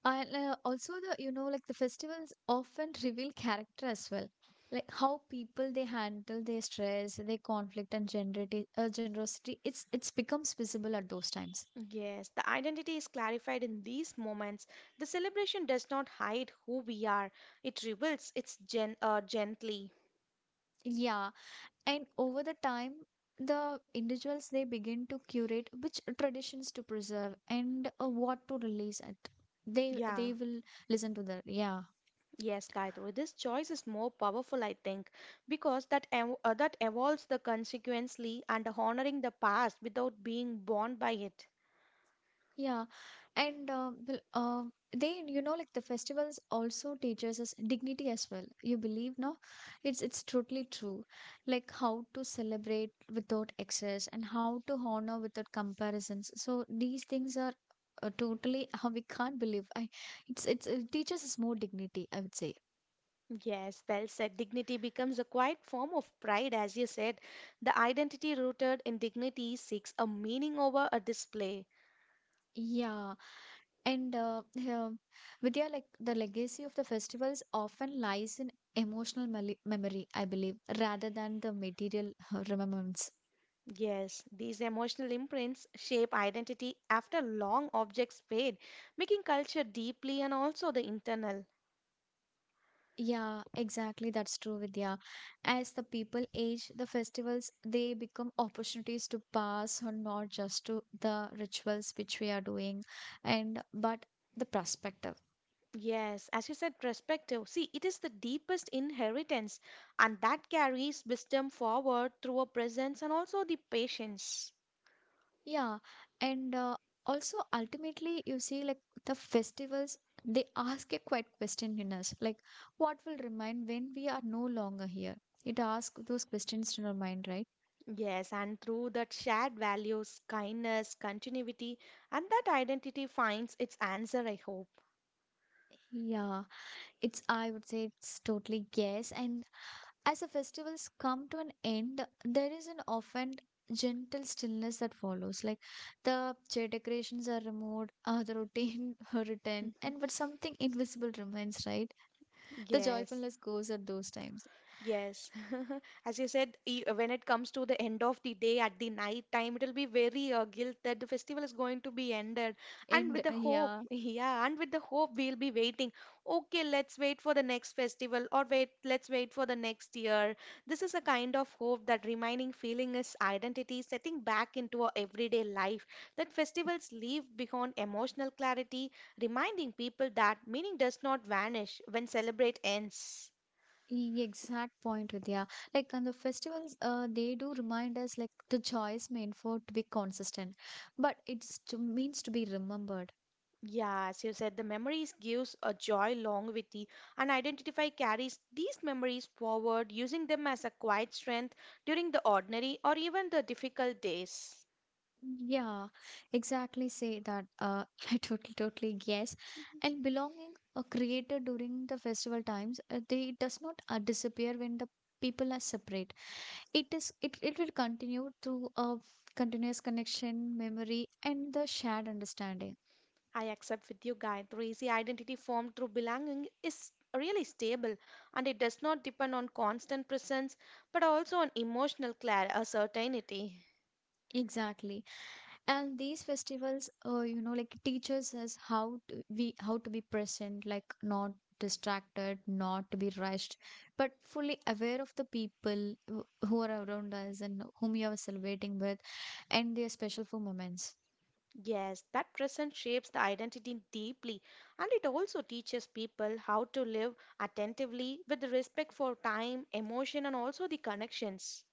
A: and uh, also the you know like the festivals often reveal character as well, like how people they handle their stress, their conflict and generati- uh, generosity. It's it's becomes visible at those times.
B: Yes, the identity is clarified in these moments. The celebration does not hide who we are, it reveals its gen- uh, gently.
A: Yeah, and over the time the individuals they begin to curate which traditions to preserve and uh, what to release at they
B: Yeah,
A: they will listen to the, yeah.
B: yes, Gayatri, this choice is more powerful, I think, because that ev- uh, that evolves the consequently and honoring the past without being bound by it.
A: Yeah, and uh, bel- uh, they, you know, like the festivals also teaches us dignity as well. You believe, no? It's it's totally true. Like how to celebrate without excess and how to honor without comparisons. So these things are uh, totally how we can't believe. I, it's it's it teaches us more dignity, I would say.
B: Yes, well said. Dignity becomes a quiet form of pride, as you said. The identity rooted in dignity seeks a meaning over a display.
A: Yeah, and uh, yeah, Vidya, like the legacy of the festivals often lies in emotional mele- memory, I believe, rather than the material uh, remembrance.
B: Yes, these emotional imprints shape identity after long objects fade, making culture deeply and also the internal.
A: Yeah, exactly. That's true, Vidya. As the people age, the festivals they become opportunities to pass on not just to the rituals which we are doing, and but the prospective.
B: Yes, as you said, perspective. See, it is the deepest inheritance, and that carries wisdom forward through a presence and also the patience.
A: Yeah, and uh, also ultimately, you see, like the festivals, they ask a quiet question in us, like what will remain when we are no longer here? It asks those questions in our mind, right?
B: Yes, and through that shared values, kindness, continuity, and that identity finds its answer, I hope.
A: Yeah, it's, I would say it's totally yes. And as the festivals come to an end, there is an often gentle stillness that follows. Like the chair decorations are removed, uh, the routine are returned, and but something invisible remains, right? The
B: Yes.
A: joyfulness goes at those times.
B: Yes, as you said, e- when it comes to the end of the day at the night time, it'll be very uh, guilt that the festival is going to be ended. And
A: And
B: with the
A: uh,
B: hope,
A: yeah,
B: yeah, and with the hope, we'll be waiting. Okay, let's wait for the next festival, or wait, let's wait for the next year. This is a kind of hope that remaining feeling is identity setting back into our everyday life. That festivals leave behind emotional clarity, reminding people that meaning does not vanish when celebrate ends.
A: e- exact point, Vidya. Like on the festivals, uh, they do remind us like the choice meant for to be consistent, but it's to, means to be remembered.
B: Yes, you said the memories gives a joy along with the and identify carries these memories forward, using them as a quiet strength during the ordinary or even the difficult days.
A: Yeah, exactly. Say that. Uh, I totally, totally guess. And belonging, uh, created during the festival times, uh, they does not uh, disappear when the people are separate. It is. It it will continue through a continuous connection, memory, and the shared understanding.
B: I accept with you, Gayatri. The identity formed through belonging is really stable and it does not depend on constant presence but also on emotional clar- uh, certainty.
A: Exactly. And these festivals, uh, you know like teaches us how to we how to be present, like not distracted, not to be rushed, but fully aware of the people wh- who are around us and whom we are celebrating with, and their special for moments.
B: Yes, that presence shapes the identity deeply, and it also teaches people how to live attentively with respect for time, emotion, and also the connections.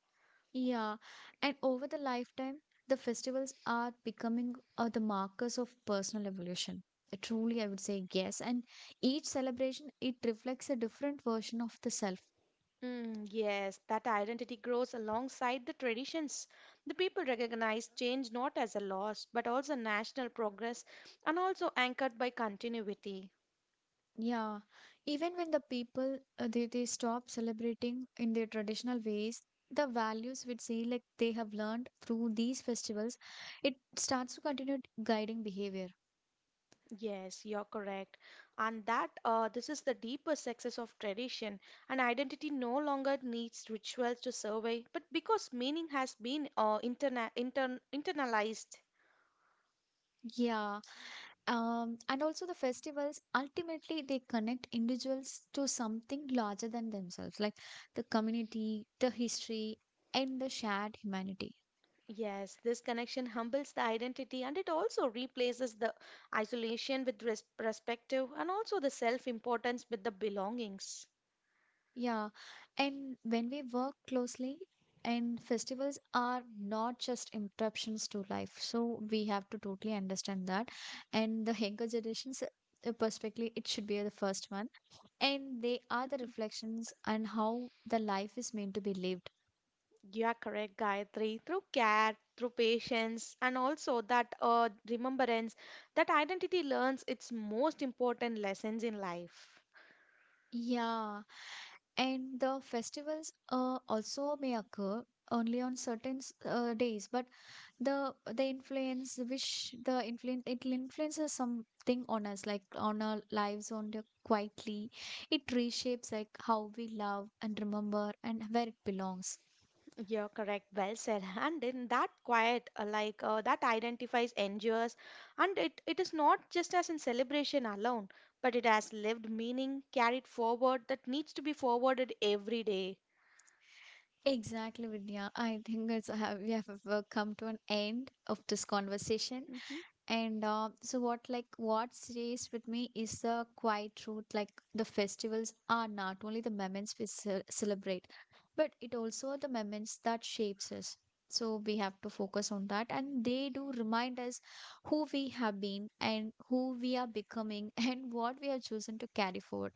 A: Yeah. And over the lifetime, the festivals are becoming uh, the markers of personal evolution. Uh, truly I would say yes. And each celebration, it reflects a different version of the self.
B: Mm, yes, that identity grows alongside the traditions. The people recognize change not as a loss, but also national progress, and also anchored by continuity.
A: Yeah, even when the people, uh, they, they stop celebrating in their traditional ways, the values which say like they have learned through these festivals, it starts to continue guiding behavior.
B: Yes, you're correct. And that uh, this is the deeper success of tradition. An identity no longer needs rituals to survey, but because meaning has been uh, interna intern internalized.
A: Yeah. Um, and also the festivals ultimately, they connect individuals to something larger than themselves, like the community, the history, and the shared humanity.
B: Yes, this connection humbles the identity and it also replaces the isolation with res perspective and also the self-importance with the belongings.
A: Yeah, and when we work closely, and festivals are not just interruptions to life, so we have to totally understand that. And the younger generations, uh, perspectively, it should be the first one, and they are the reflections and how the life is meant to be lived.
B: You are correct, Gayatri. Through care, through patience, and also that uh, remembrance, that identity learns its most important lessons in life.
A: Yeah. And the festivals uh, also may occur only on certain s- uh, days, but the the influence which the influence, it influences something on us, like on our lives, on the quietly. It reshapes like how we love and remember and where it belongs.
B: You're correct, well said. And in that quiet, uh, like uh, that identifies, endures, and it, it is not just as in celebration alone, but it has lived meaning, carried forward, that needs to be forwarded every day.
A: Exactly, Vidya. I think it's have we have uh, come to an end of this conversation. And uh, so what, like what stays with me is the quiet truth. Like the festivals are not only the moments we ce- celebrate, but it also the moments that shapes us. So we have to focus on that, and they do remind us who we have been and who we are becoming and what we have chosen to carry forward.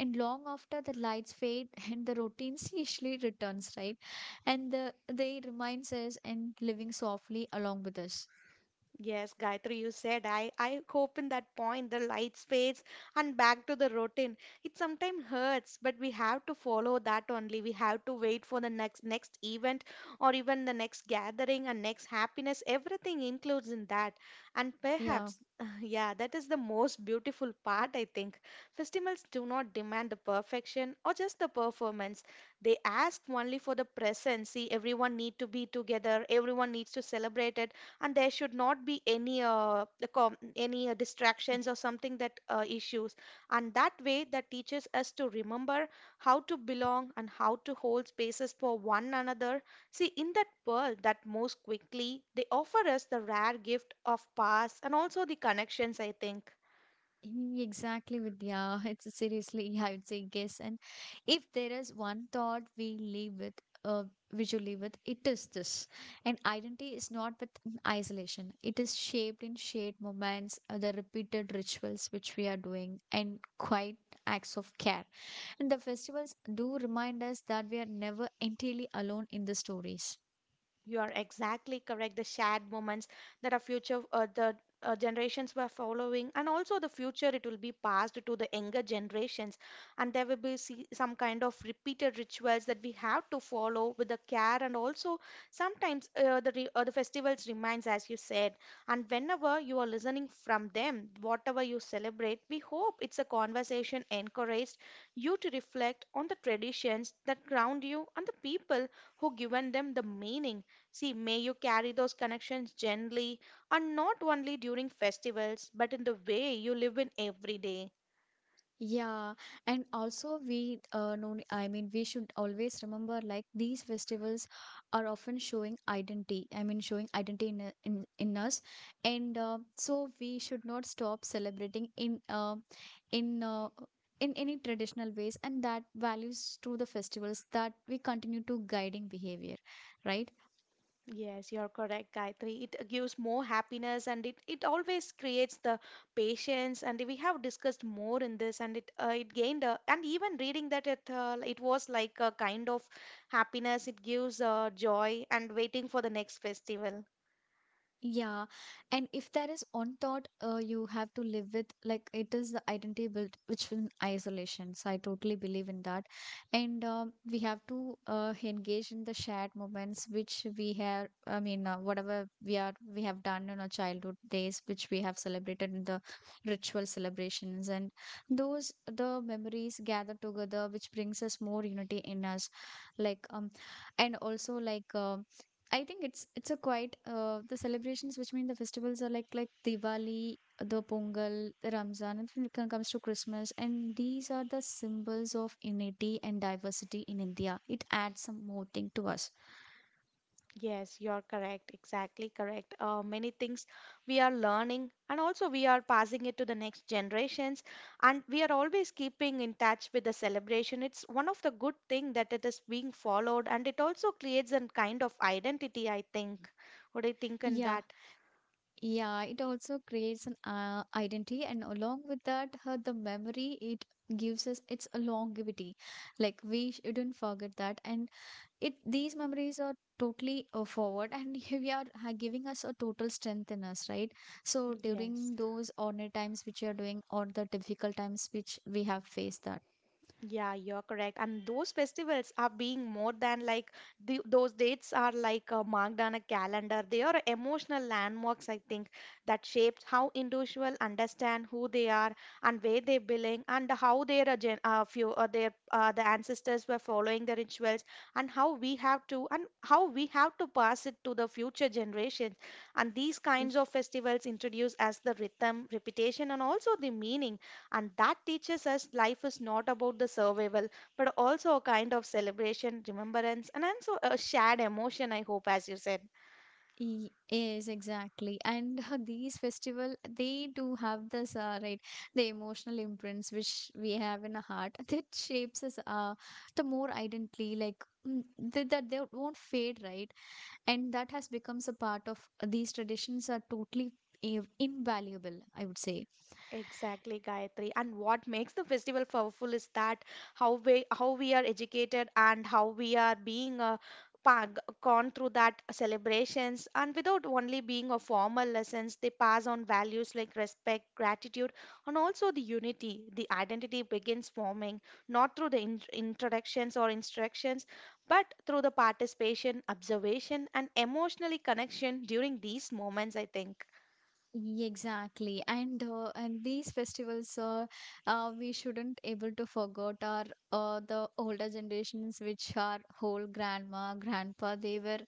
A: And long after the lights fade and the routines usually returns, right? And the they reminds us and living softly along with us.
B: Yes, Gayatri, you said I I hope in that point the lights fades and back to the routine. It sometimes hurts, but we have to follow that only. We have to wait for the next next event or even the next gathering and next happiness. Everything includes in that. And
A: Yeah.
B: perhaps, yeah, that is the most beautiful part, I think. Festivals do not demand the perfection or just the performance. They ask only for the presence. See, everyone need to be together, everyone needs to celebrate it and there should not be any uh, the com- any uh, distractions or something that uh, issues and that way that teaches us to remember how to belong and how to hold spaces for one another. See, in that world that moves quickly, they offer us the rare gift of pause and also the connections, I think.
A: Mm, exactly, Vidya. It's seriously, I would say yes. And if there is one thought we live with, uh, visually with, it is this. And identity is not with in isolation. It is shaped in shared moments, uh, the repeated rituals which we are doing, and quiet acts of care. And the festivals do remind us that we are never entirely alone in the stories.
B: You are exactly correct. The shared moments that our future, uh, the uh, generations were following, and also the future, it will be passed to the younger generations, and there will be see, some kind of repeated rituals that we have to follow with the care, and also sometimes uh, the re, uh, the festivals reminds, as you said, and whenever you are listening from them, whatever you celebrate, we hope it's a conversation encouraged you to reflect on the traditions that ground you and the people who given them the meaning. See, may you carry those connections gently and not only during festivals, but in the way you live in every day.
A: Yeah, and also we, uh, no, I mean, we should always remember, like these festivals are often showing identity. I mean showing identity in a- in, in us, and uh, so we should not stop celebrating in uh, in uh, in any traditional ways, and that values through the festivals that we continue to guiding behavior, right?
B: Yes, you're correct, Gayatri. It gives more happiness and it, it always creates the patience. And we have discussed more in this, and it uh, it gained a, and even reading that it uh, it was like a kind of happiness. It gives uh, joy and waiting for the next festival.
A: Yeah, and if there is one thought uh, you have to live with, like it is the identity built, which in isolation. So I totally believe in that, and um, we have to uh, engage in the shared moments which we have. I mean, uh, whatever we are, we have done in our childhood days, which we have celebrated in the ritual celebrations, and those the memories gathered together, which brings us more unity in us. Like um, and also like um. I think it's it's a quite uh, the celebrations which mean the festivals are like like Diwali, the Pongal, the Ramzan, and when it com- comes to Christmas, and these are the symbols of unity and diversity in India. It adds some more thing to us.
B: Yes, you're correct. Exactly correct. Uh, many things we are learning, and also we are passing it to the next generations, and we are always keeping in touch with the celebration. It's one of the good thing that it is being followed, and it also creates a kind of identity, I think. What do you think on
A: Yeah,
B: that?
A: yeah. It also creates an uh, identity, and along with that, uh, the memory, it gives us its a longevity. Like we shouldn't forget that, and it, these memories are totally uh, forward, and we are ha- giving us a total strength in us, right? So
B: Yes.
A: during those ordinary times which you are doing or the difficult times which we have faced that
B: Yeah, you're correct. And those festivals are being more than like the, those dates are like uh, marked on a calendar. They are emotional landmarks, I think, that shapes how individual understand who they are and where they belong and how their uh, gen uh, few uh, their uh, the ancestors were following the rituals and how we have to and how we have to pass it to the future generations. And these
A: Y-
B: kinds of festivals introduce us the rhythm, repetition, and also the meaning, and that teaches us life is not about the survival, but also a kind of celebration, remembrance, and also a shared emotion, I hope, as you said.
A: y- yes, exactly. And these festival, they do have this, uh, right, the emotional imprints which we have in our heart that shapes us, uh, the more identity, like mm, th- that they won't fade, right? And that has becomes a part of these traditions are totally inv- invaluable, I would say.
B: Exactly, Gayatri. And what makes the festival powerful is that how we how we are educated and how we are being uh, pa- g- gone through that celebrations and without only being a formal lessons, they pass on values like respect, gratitude, and also the unity. The identity begins forming not through the in introductions or instructions, but through the participation, observation, and emotionally connection during these moments, I think.
A: Exactly. And uh, and these festivals, uh, uh, we shouldn't able to forget our uh, the older generations which are whole grandma grandpa. They were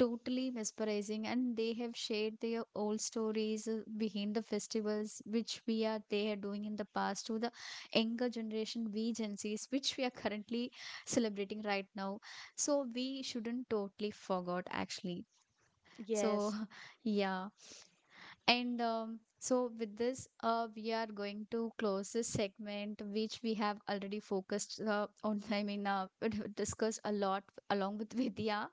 A: totally mesmerizing, and they have shared their old stories uh, behind the festivals which we are they are doing in the past to the younger generation, we gen Z's, which we are currently celebrating right now. So we shouldn't totally forgot actually. So
B: Yes,
A: yeah. And um, so, with this, uh, we are going to close this segment, which we have already focused uh, on. I mean, uh, discussed a lot along with Vidya.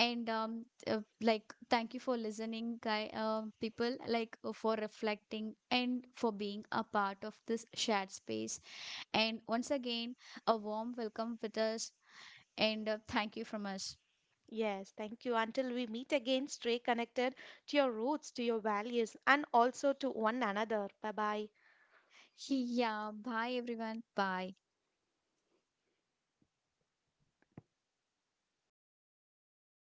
A: And um, uh, like, thank you for listening, guy, uh, people, like, uh, for reflecting and for being a part of this shared space. And once again, a warm welcome with us. And uh, thank you from us.
B: Yes, thank you. Until we meet again, stay connected to your roots, to your values, and also to one another. Bye bye.
A: Yeah, bye everyone. Bye.